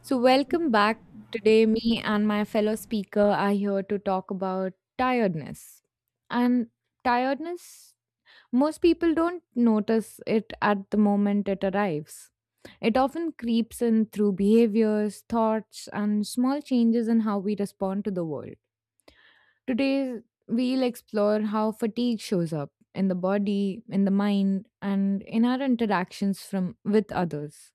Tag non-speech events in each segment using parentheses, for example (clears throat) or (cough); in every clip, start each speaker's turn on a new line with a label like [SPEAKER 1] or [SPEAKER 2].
[SPEAKER 1] So, welcome back. Today, me and my fellow speaker are here to talk about tiredness. And tiredness, most people don't notice it at the moment it arrives. It often creeps in through behaviors, thoughts, and small changes in how we respond to the world. Today, we'll explore how fatigue shows up in the body, in the mind, and in our interactions from with others,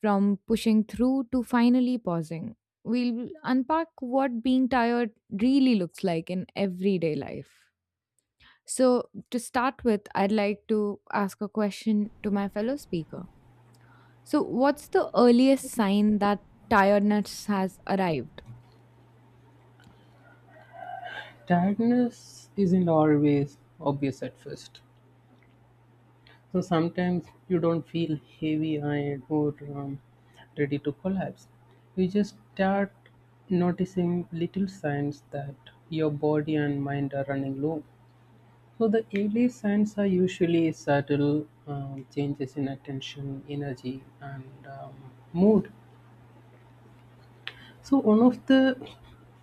[SPEAKER 1] from pushing through to finally pausing. We'll unpack what being tired really looks like in everyday life. So, to start with, I'd like to ask a question to my fellow speaker. So, what's the earliest sign that tiredness has arrived?
[SPEAKER 2] Tiredness isn't always obvious at first. So sometimes you don't feel heavy eyed or ready to collapse. You just start noticing little signs that your body and mind are running low. So the early signs are usually subtle changes in attention, energy, and mood. So one of the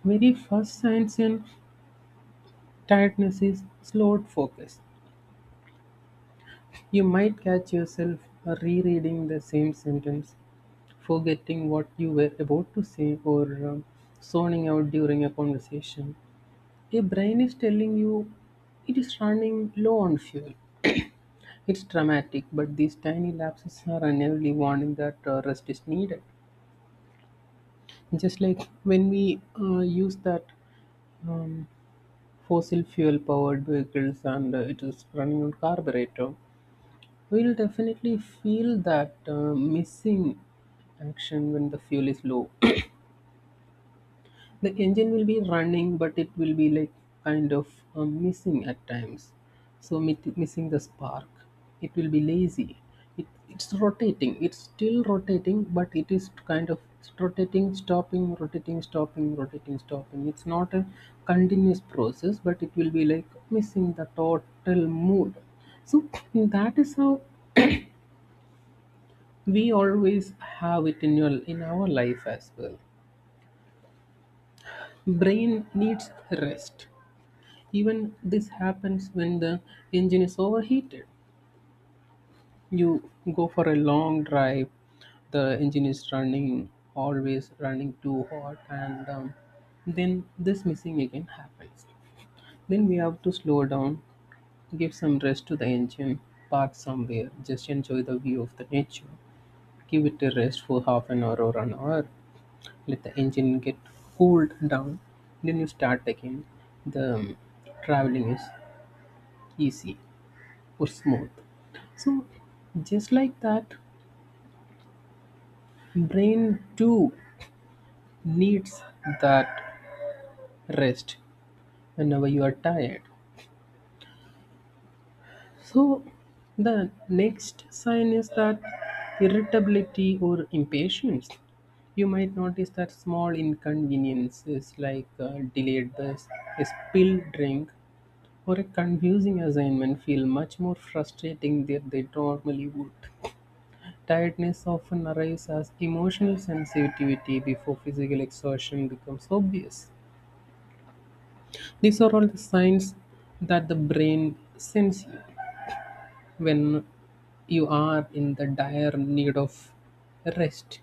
[SPEAKER 2] very first signs in tiredness is slowed focus. You might catch yourself rereading the same sentence, forgetting what you were about to say, or um, zoning out during a conversation. Your brain is telling you it is running low on fuel. It's dramatic, but these tiny lapses are an early warning that rest is needed. Just like when we use that um, fossil fuel powered vehicles and it is running on carburetor, we'll definitely feel that missing action when the fuel is low. (coughs) (clears throat) The engine will be running, but it will be like kind of missing at times. So missing the spark. It will be lazy. It's rotating. It's still rotating, but it is kind of it's rotating, stopping, rotating, stopping, rotating, stopping. It's not a continuous process, but it will be like missing the total mood. So (coughs) that is how we always have it in our life as well. Brain needs rest. Even this happens when the engine is overheated. You go for a long drive. The engine is running always running too hot, and then this missing again happens. Then we have to slow down, give some rest to the engine, park somewhere, just enjoy the view of the nature, give it a rest for half an hour or an hour, let the engine get cooled down, then you start again, the traveling is easy or smooth. So just like that, brain too needs that rest whenever you are tired. So the next sign is that irritability or impatience. You might notice that small inconveniences like a delayed bus, a spilled drink, or a confusing assignment feel much more frustrating than they normally would. Tiredness often arrives as emotional sensitivity before physical exhaustion becomes obvious. These are all the signs that the brain sends you when you are in the dire need of rest.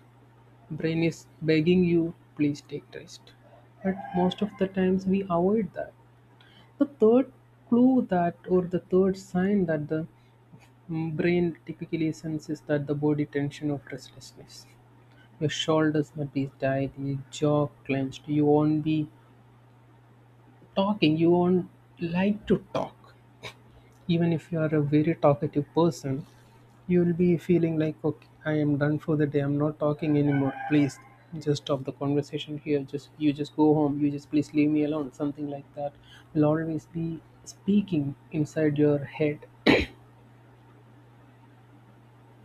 [SPEAKER 2] Brain is begging you, please take rest. But most of the times we avoid that. The third the third sign that the brain typically senses that the body tension of restlessness. Your shoulders might be tight, your jaw clenched, you won't be talking, you won't like to talk. Even if you are a very talkative person, you'll be feeling like, okay, I am done for the day, I'm not talking anymore, please just stop the conversation here, just you just go home, you just please leave me alone, something like that will always be speaking inside your head.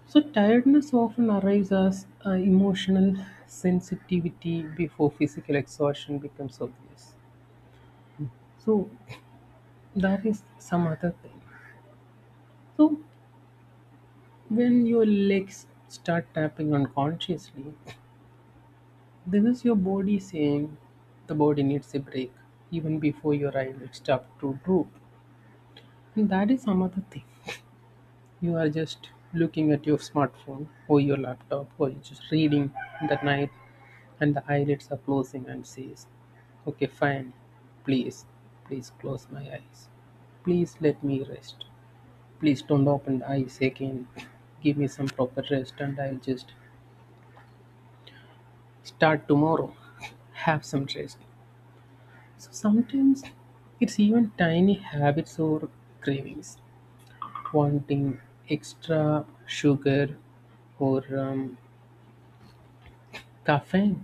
[SPEAKER 2] So, tiredness often arrives as emotional sensitivity before physical exhaustion becomes obvious. So, that is some other thing. So, when your legs start tapping unconsciously, this is your body saying the body needs a break even before your eyelids start to droop. And that is some other thing. You are just looking at your smartphone or your laptop or you're just reading in the night, and the eyelids are closing and says, okay, fine. Please, please close my eyes. Please let me rest. Please don't open the eyes again. (laughs) Give me some proper rest and I'll just start tomorrow. (laughs) Have some rest. So sometimes it's even tiny habits or cravings, wanting extra sugar or caffeine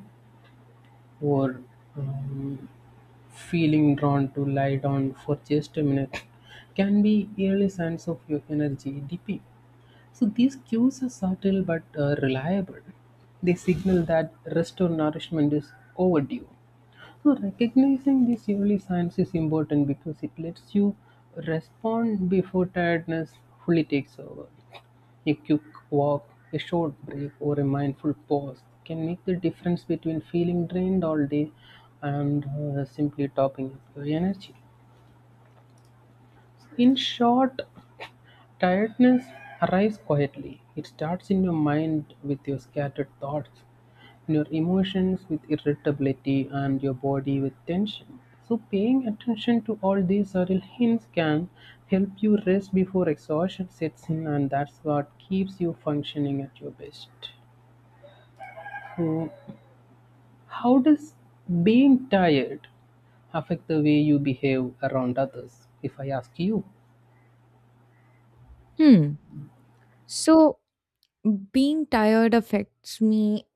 [SPEAKER 2] or um, feeling drawn to lie down for just a minute can be early signs of your energy dipping. So these cues are subtle but reliable. They signal that rest or nourishment is overdue. So recognizing these early signs is important because it lets you respond before tiredness fully takes over. A quick walk, a short break, or a mindful pause can make the difference between feeling drained all day and simply topping up your energy. In short, tiredness arrives quietly. It starts in your mind with your scattered thoughts, in your emotions with irritability, and your body with tension. So, paying attention to all these subtle hints can help you rest before exhaustion sets in, and that's what keeps you functioning at your best. So, how does being tired affect the way you behave around others? If I ask you,
[SPEAKER 1] Hmm. So, being tired affects me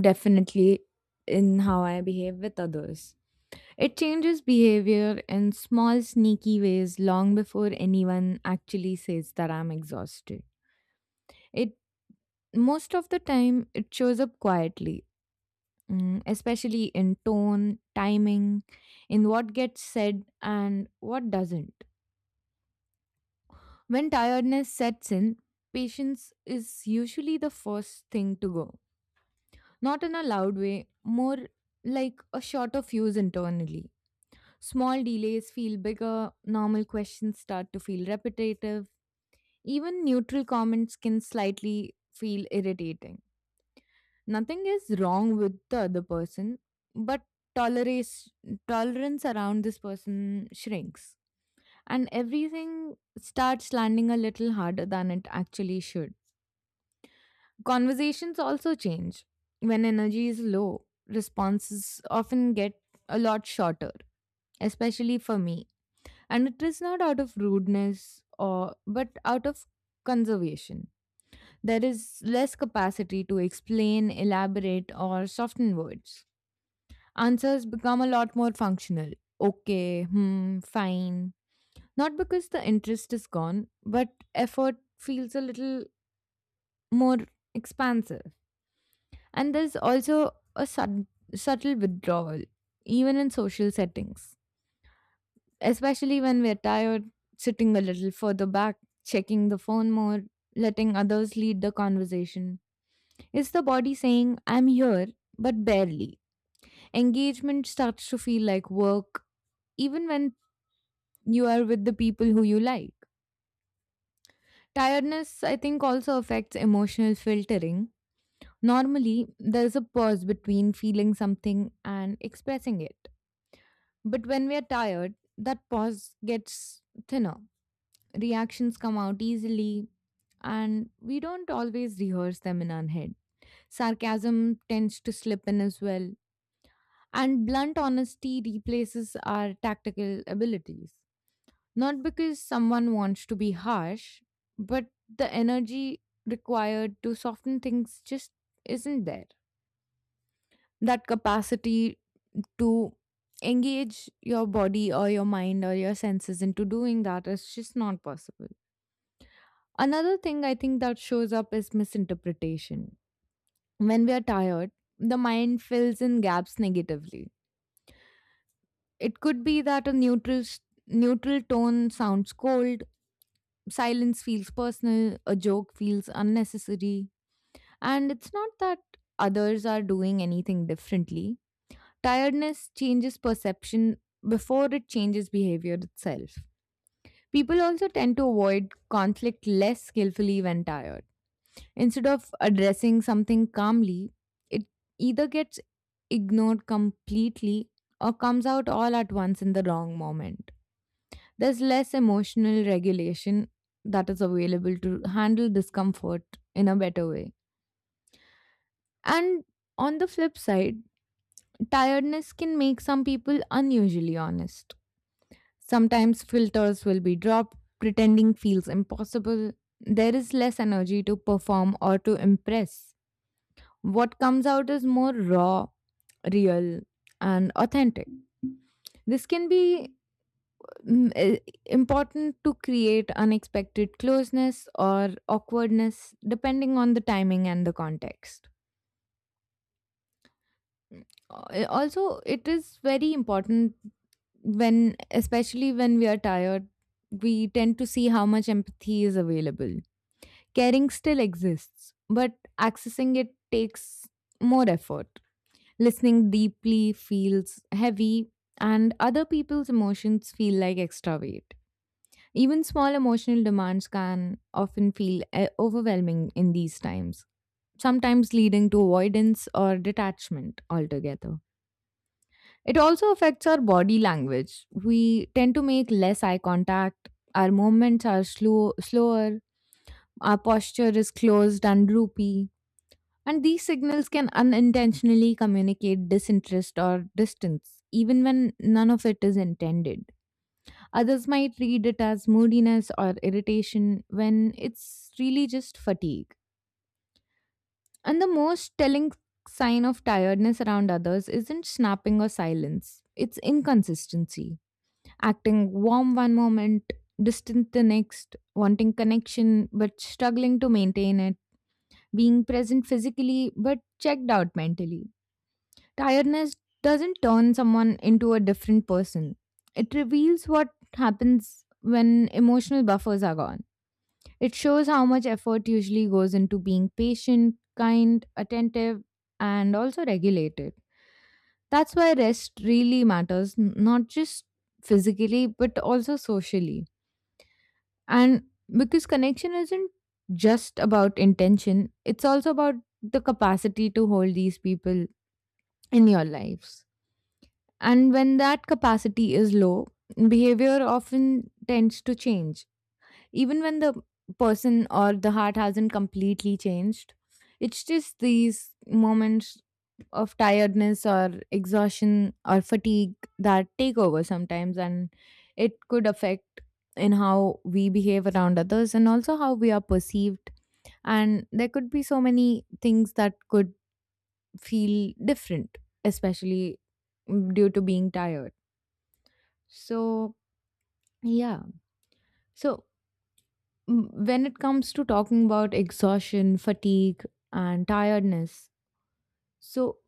[SPEAKER 1] definitely in how I behave with others. It changes behavior in small, sneaky ways long before anyone actually says that I'm exhausted. It Most of the time it shows up quietly, especially in tone, timing, in what gets said and what doesn't. When tiredness sets in, patience is usually the first thing to go. Not in a loud way, more like a shot of fuse internally. Small delays feel bigger, normal questions start to feel repetitive, even neutral comments can slightly feel irritating. Nothing is wrong with the other person, but tolerance tolerance around this person shrinks, and everything starts landing a little harder than it actually should. Conversations also change. When energy is low, responses often get a lot shorter, especially for me, and it is not out of rudeness or but out of conservation. There is less capacity to explain, elaborate, or soften words. Answers become a lot more functional: okay, hmm, fine. Not because the interest is gone, but effort feels a little more expansive. And there's also a subtle withdrawal even in social settings. Especially when we're tired, sitting a little further back, checking the phone more, letting others lead the conversation. It's the body saying, I'm here, but barely. Engagement starts to feel like work, even when you are with the people who you like. Tiredness, I think, also affects emotional filtering. Normally, there's a pause between feeling something and expressing it. But when we are tired, that pause gets thinner. Reactions come out easily, and we don't always rehearse them in our head. Sarcasm tends to slip in as well, and blunt honesty replaces our tactical abilities. Not because someone wants to be harsh, but the energy required to soften things just isn't there. That capacity to engage your body or your mind or your senses into doing that is just not possible. Another thing I think that shows up is misinterpretation. When we are tired, the mind fills in gaps negatively. It could be that a neutral tone sounds cold, silence feels personal, a joke feels unnecessary, and it's not that others are doing anything differently. Tiredness changes perception before it changes behavior itself. People also tend to avoid conflict less skillfully when tired. Instead of addressing something calmly, it either gets ignored completely or comes out all at once in the wrong moment. There's less emotional regulation that is available to handle discomfort in a better way. And on the flip side, tiredness can make some people unusually honest. Sometimes filters will be dropped, pretending feels impossible. There is less energy to perform or to impress. What comes out is more raw, real, and authentic. This can be mm, i- important to create unexpected closeness or awkwardness depending on the timing and the context. Also, it is very important when, especially when we are tired, we tend to see how much empathy is available. Caring still exists, but accessing it takes more effort. Listening deeply feels heavy, and other people's emotions feel like extra weight. Even small emotional demands can often feel overwhelming in these times, sometimes leading to avoidance or detachment altogether. It also affects our body language. We tend to make less eye contact, our movements are slower, our posture is closed and droopy, and these signals can unintentionally communicate disinterest or distance, even when none of it is intended. Others might read it as moodiness or irritation when it's really just fatigue. And the most telling sign of tiredness around others isn't snapping or silence, it's inconsistency. Acting warm one moment, distant the next, wanting connection but struggling to maintain it, being present physically but checked out mentally. Tiredness doesn't turn someone into a different person. It reveals what happens when emotional buffers are gone. It shows how much effort usually goes into being patient, kind, attentive, and also regulated. That's why rest really matters, not just physically, but also socially. And because connection isn't just about intention, it's also about the capacity to hold these people in your lives. And when that capacity is low, behavior often tends to change. Even when the person or the heart hasn't completely changed, it's just these moments of tiredness or exhaustion or fatigue that take over sometimes, and it could affect in how we behave around others and also how we are perceived. And there could be so many things that could feel different, especially due to being tired. So, yeah. So, when it comes to talking about exhaustion, fatigue, and tiredness, so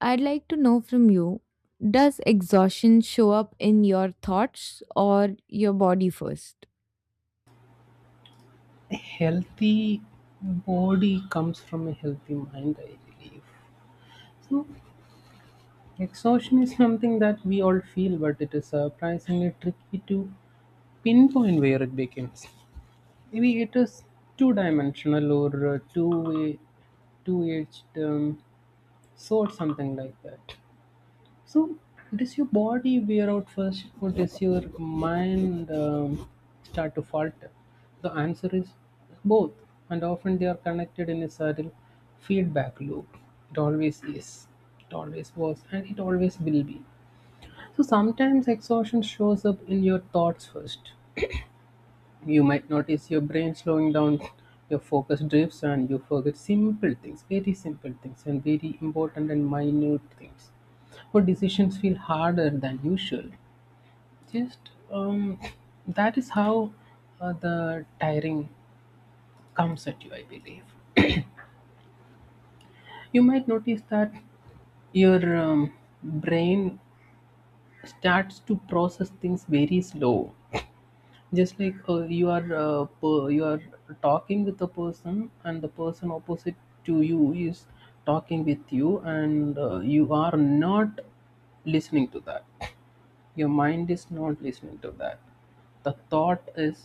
[SPEAKER 1] I'd like to know from you, does exhaustion show up in your thoughts or your body first?
[SPEAKER 2] healthy body comes from a healthy mind, I believe. So, exhaustion is something that we all feel, but it is surprisingly tricky to pinpoint where it begins. Maybe it is two dimensional or two way, two edged sword, something like that. So, does your body wear out first, or does your mind start to falter? The answer is both, and often they are connected in a subtle feedback loop. It always is, it always was, and it always will be. So, sometimes exhaustion shows up in your thoughts first. You might notice your brain slowing down, your focus drifts, and you forget simple things, very simple things, and very important and minute things. Or decisions feel harder than usual. Just that is how the tiring comes at you, I believe. You might notice that your brain starts to process things very slow. Just like you are talking with a person, and the person opposite to you is talking with you, and you are not listening to that. Your mind is not listening to that. The thought is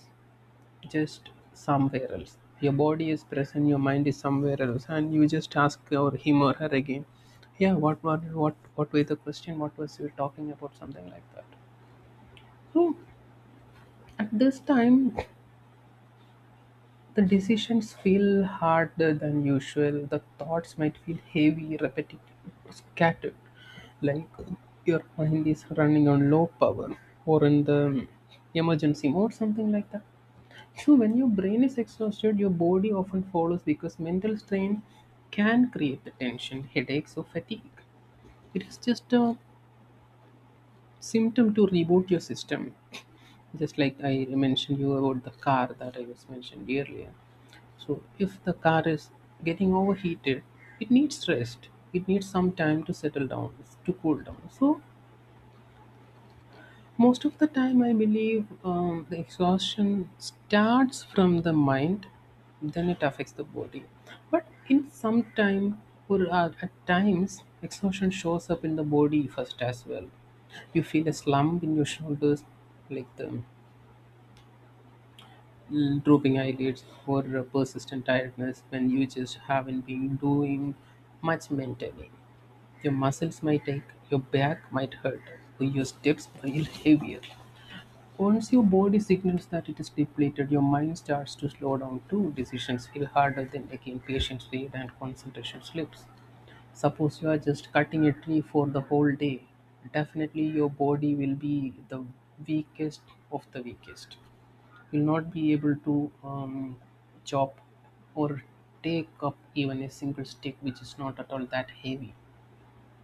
[SPEAKER 2] just somewhere else. Your body is present, your mind is somewhere else, and you just ask or him or her again, yeah, what were the question? What was you talking about? Something like that. So at this time, the decisions feel harder than usual. The thoughts might feel heavy, repetitive, scattered, like your mind is running on low power or in the emergency mode, something like that. So, when your brain is exhausted, your body often follows because mental strain can create the tension, headaches, or fatigue. It is just a symptom to reboot your system, just like I mentioned you about the car that I was mentioned earlier. So if the car is getting overheated, it needs rest. It needs some time to settle down, to cool down. So most of the time, I believe the exhaustion starts from the mind, then it affects the body. But in some time, or at times, exhaustion shows up in the body first as well. You feel a slump in your shoulders, like the drooping eyelids or a persistent tiredness when you just haven't been doing much mentally. Your muscles might ache, your back might hurt, or your steps feel heavier. Once your body signals that it is depleted, your mind starts to slow down too. Decisions feel harder, then again, patience fades and concentration slips. Suppose you are just cutting a tree for the whole day, definitely your body will be the weakest of the weakest. You'll not be able to chop or take up even a single stick, which is not at all that heavy.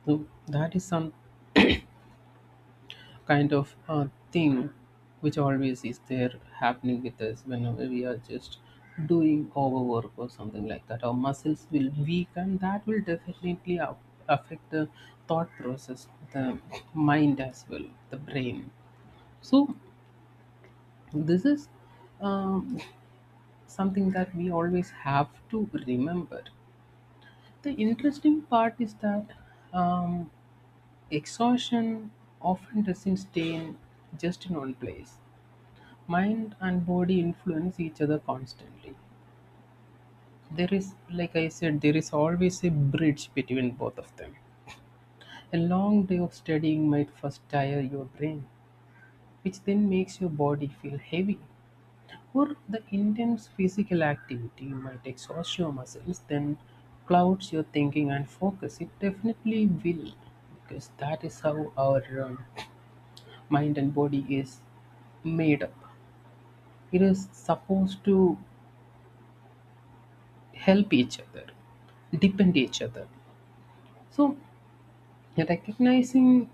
[SPEAKER 2] So that is some kind of thing which always is there happening with us whenever we are just doing overwork or something like that. Our muscles will weaken. That will definitely affect the thought process, the mind as well, the brain. So this is um, something that we always have to remember. The interesting part is that um, exhaustion often doesn't stay in just in one place. Mind and body influence each other constantly. There is, like I said, there is always a bridge between both of them. A long day of studying might first tire your brain, which then makes your body feel heavy. Or the intense physical activity might exhaust your muscles, then clouds your thinking and focus. It definitely will, because that is how our mind and body is made up. It is supposed to help each other, depend each other. So recognizing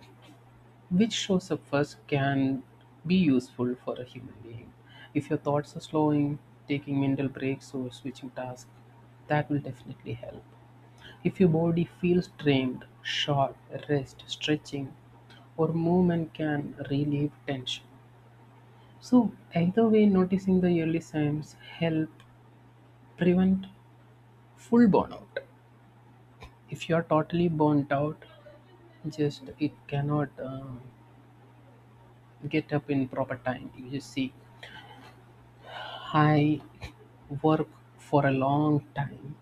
[SPEAKER 2] which shows up first can be useful for a human being. If your thoughts are slowing, taking mental breaks or switching tasks, that will definitely help. If your body feels strained, short rest, stretching, or movement can relieve tension. So, either way, noticing the early signs help prevent full burnout. If you are totally burnt out, just it cannot get up in proper time. You just see, I work for a long time.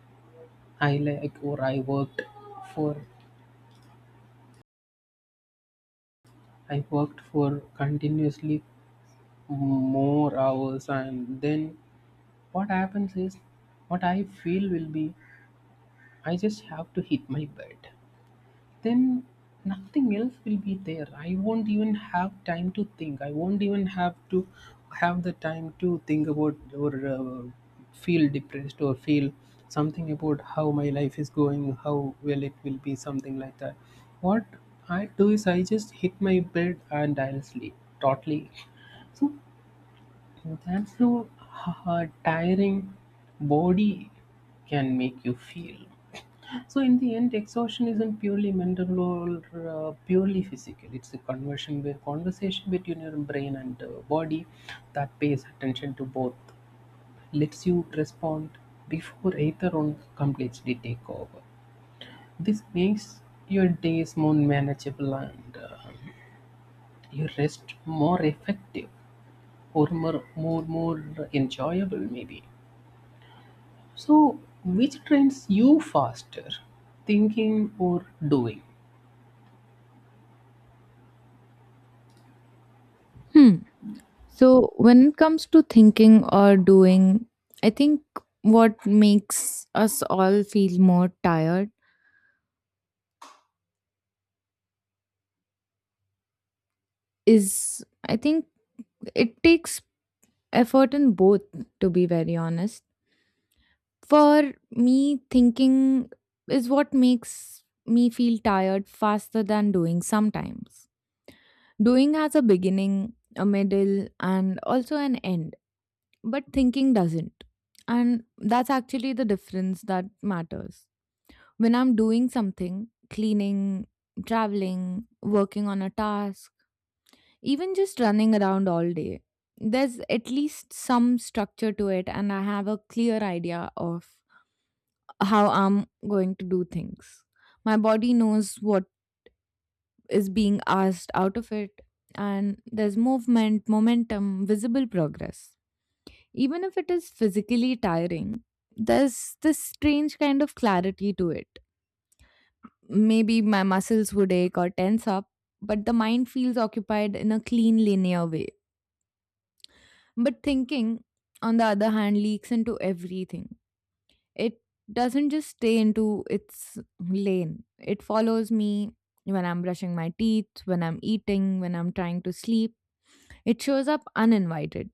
[SPEAKER 2] I like or for I worked for continuously more hours, and then what happens is what I feel will be I just have to hit my bed. Then nothing else will be there. I won't even have time to think. I won't even have to have the time to think about or feel depressed or feel something about how my life is going, how well it will be, something like that. What I do is I just hit my bed and I'll sleep totally. So that's how her tiring body can make you feel. So, in the end, exhaustion isn't purely mental or purely physical. It's a conversation between your brain and body that pays attention to both, lets you respond before either one completely take over. This makes your days more manageable and your rest more effective or more enjoyable, maybe. So, which trains you faster, thinking or doing?
[SPEAKER 1] Hmm. So, when it comes to thinking or doing, I think what makes us all feel more tired is I think it takes effort in both, to be very honest. For me, thinking is what makes me feel tired faster than doing sometimes. Doing has a beginning, a middle, and also an end, but thinking doesn't. And that's actually the difference that matters. When I'm doing something, cleaning, traveling, working on a task, even just running around all day, there's at least some structure to it, and I have a clear idea of how I'm going to do things. My body knows what is being asked out of it, and there's movement, momentum, visible progress. Even if it is physically tiring, there's this strange kind of clarity to it. Maybe my muscles would ache or tense up, but the mind feels occupied in a clean, linear way. But thinking, on the other hand, leaks into everything. It doesn't just stay into its lane. It follows me when I'm brushing my teeth, when I'm eating, when I'm trying to sleep. It shows up uninvited.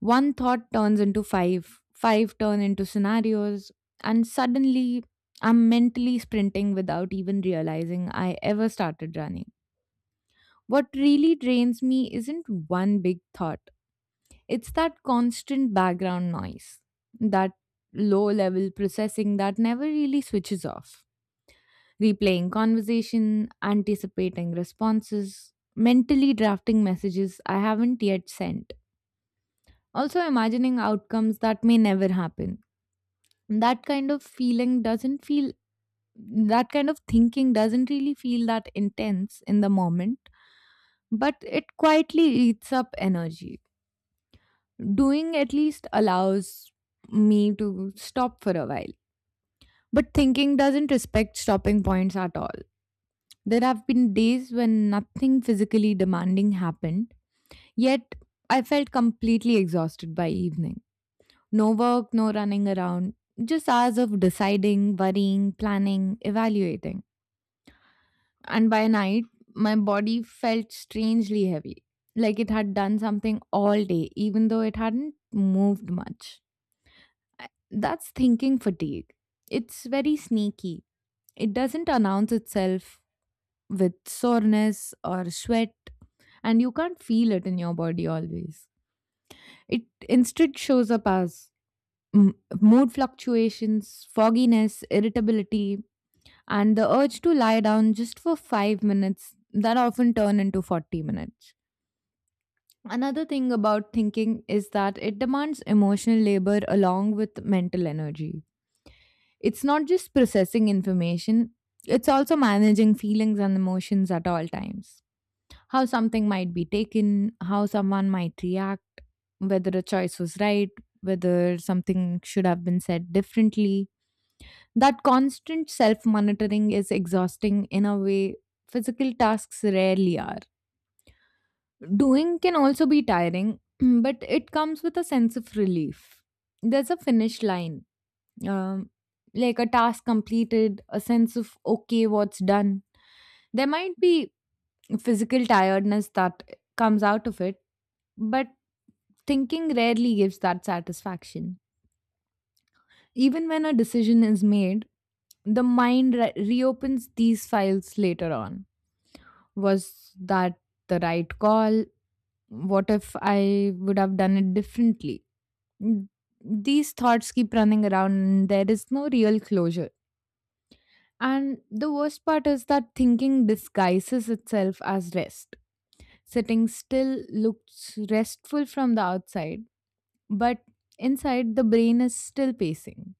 [SPEAKER 1] One thought turns into five, five turn into scenarios, and suddenly I'm mentally sprinting without even realizing I ever started running. What really drains me isn't one big thought, it's that constant background noise, that low level processing that never really switches off. Replaying conversation, anticipating responses, mentally drafting messages I haven't yet sent. Also, imagining outcomes that may never happen. That kind of feeling doesn't feel, that kind of thinking doesn't really feel that intense in the moment, but it quietly eats up energy. Doing at least allows me to stop for a while. But thinking doesn't respect stopping points at all. There have been days when nothing physically demanding happened, yet I felt completely exhausted by evening. No work, no running around, just hours of deciding, worrying, planning, evaluating. And by night, my body felt strangely heavy, like it had done something all day, even though it hadn't moved much. That's thinking fatigue. It's very sneaky. It doesn't announce itself with soreness or sweat, and you can't feel it in your body always. It instead shows up as mm, mood fluctuations, fogginess, irritability, and the urge to lie down just for 5 minutes that often turn into 40 minutes. Another thing about thinking is that it demands emotional labor along with mental energy. It's not just processing information, it's also managing feelings and emotions at all times. How something might be taken, how someone might react, whether a choice was right, whether something should have been said differently. That constant self monitoring is exhausting in a way physical tasks rarely are. Doing can also be tiring, (clears throat) but it comes with a sense of relief. There's a finish line, um, like a task completed, a sense of, okay, what's done. There might be physical tiredness that comes out of it, but thinking rarely gives that satisfaction. Even when a decision is made, the mind reopens these files later on. Was that the right call? What if I would have done it differently? Mm, These thoughts keep running around, and there is no real closure. And the worst part is that thinking disguises itself as rest. Sitting still looks restful from the outside, but inside the brain is still pacing.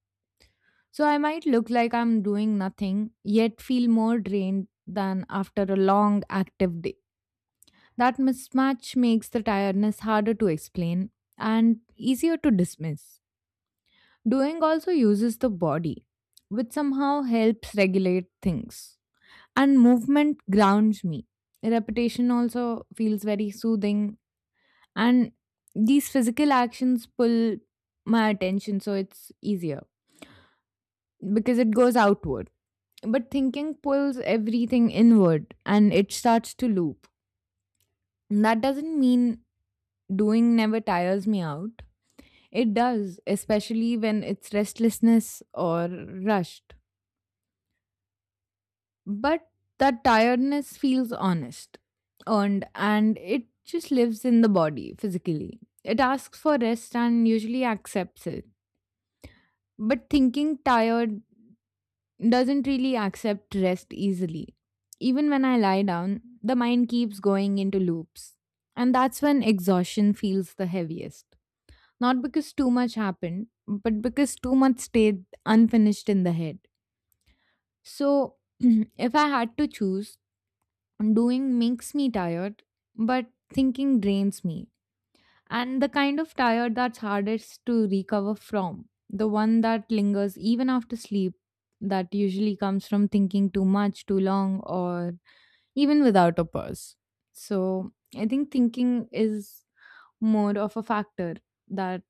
[SPEAKER 1] So I might look like I'm doing nothing, yet feel more drained than after a long active day. That mismatch makes the tiredness harder to explain and easier to dismiss. Doing also uses the body, which somehow helps regulate things. And movement grounds me. Repetition also feels very soothing, and these physical actions pull my attention, so it's easier because it goes outward. But thinking pulls everything inward and it starts to loop. That doesn't mean doing never tires me out. It does, especially when it's restlessness or rushed. But that tiredness feels honest, earned, and it just lives in the body physically. It asks for rest and usually accepts it. But thinking tired doesn't really accept rest easily. Even when I lie down, the mind keeps going into loops. And that's when exhaustion feels the heaviest. Not because too much happened, but because too much stayed unfinished in the head. So, (clears throat) if I had to choose, doing makes me tired, but thinking drains me, and the kind of tired that's hardest to recover from, the one that lingers even after sleep, that usually comes from thinking too much, too long, or even without a pause. So I think thinking is more of a factor that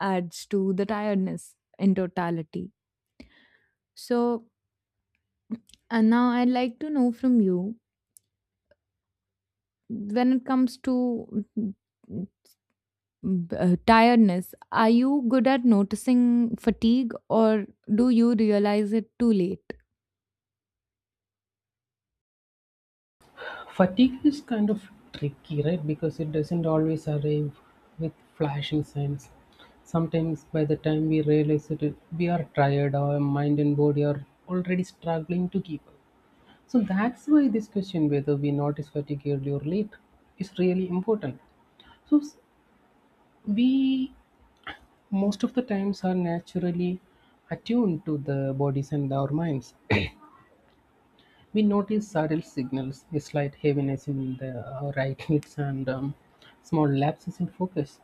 [SPEAKER 1] adds to the tiredness in totality. So, and now I'd like to know from you, when it comes to tiredness, are you good at noticing fatigue or do you realize it too late?
[SPEAKER 2] Fatigue is kind of tricky, right? Because it doesn't always arrive with flashing signs. Sometimes, by the time we realize it, we are tired, our mind and body are already struggling to keep up. So, that's why this question whether we notice fatigue early or late is really important. So, we most of the times are naturally attuned to the bodies and our minds. We notice subtle signals, a slight heaviness in the right hips, and small lapses in focus.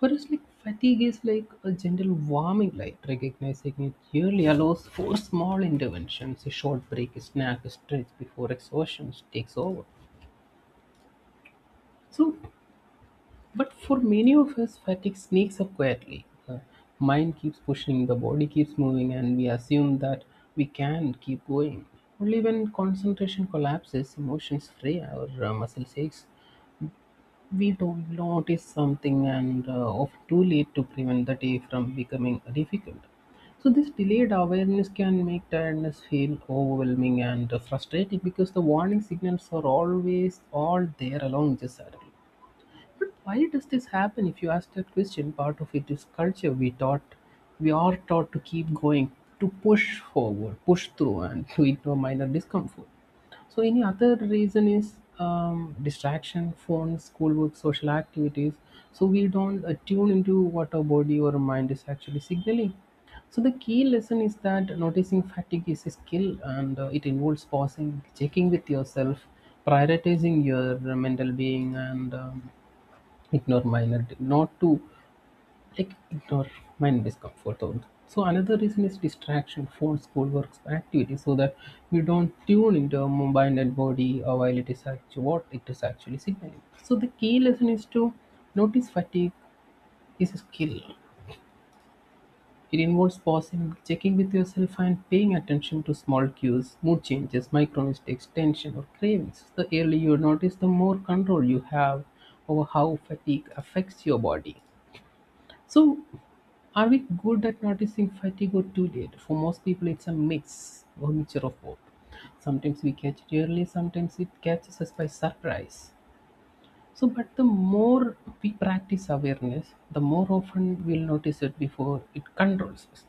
[SPEAKER 2] For us, like, fatigue is like a gentle warming light. Recognizing it early allows for small interventions, a short break, a snack, a stretch before exhaustion takes over. So, but for many of us, fatigue sneaks up quietly. The mind keeps pushing, the body keeps moving, and we assume that we can keep going. Only when concentration collapses, emotions fray, our muscles aches, we don't notice something, and often too late to prevent the day from becoming difficult. So this delayed awareness can make tiredness feel overwhelming and frustrating, because the warning signals are always all there along the saddle. But why does this happen, if you ask that question? Part of it is culture. We are taught to keep going, to push forward, push through, and (laughs) to ignore minor discomfort. So, any other reason is distraction, phones, schoolwork, social activities. So we don't tune into what our body or mind is actually signaling. So the key lesson is that noticing fatigue is a skill, and it involves pausing, checking with yourself, prioritizing your mental being, and ignore minor not to like ignore minor discomfort. So another reason is distraction, phone, schoolwork, works, activity, so that we don't tune into our mind and body while it is actually what it is actually signaling. So the key lesson is to notice fatigue is a skill. It involves pausing, checking with yourself, and paying attention to small cues, mood changes, micro mistakes, tension, or cravings. The earlier you notice, the more control you have over how fatigue affects your body. So, are we good at noticing fatigue or too late? For most people, it's a mix or mixture of both. Sometimes we catch it early, sometimes it catches us by surprise. So, but the more we practice awareness, the more often we'll notice it before it controls us.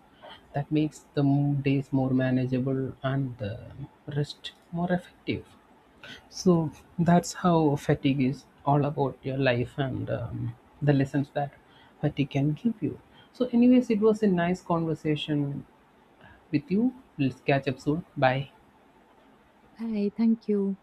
[SPEAKER 2] That makes the days more manageable and the rest more effective. So that's how fatigue is all about your life, and the lessons that fatigue can give you. So, anyways, it was a nice conversation with you. Let's catch up soon. Bye.
[SPEAKER 1] Bye. Thank you.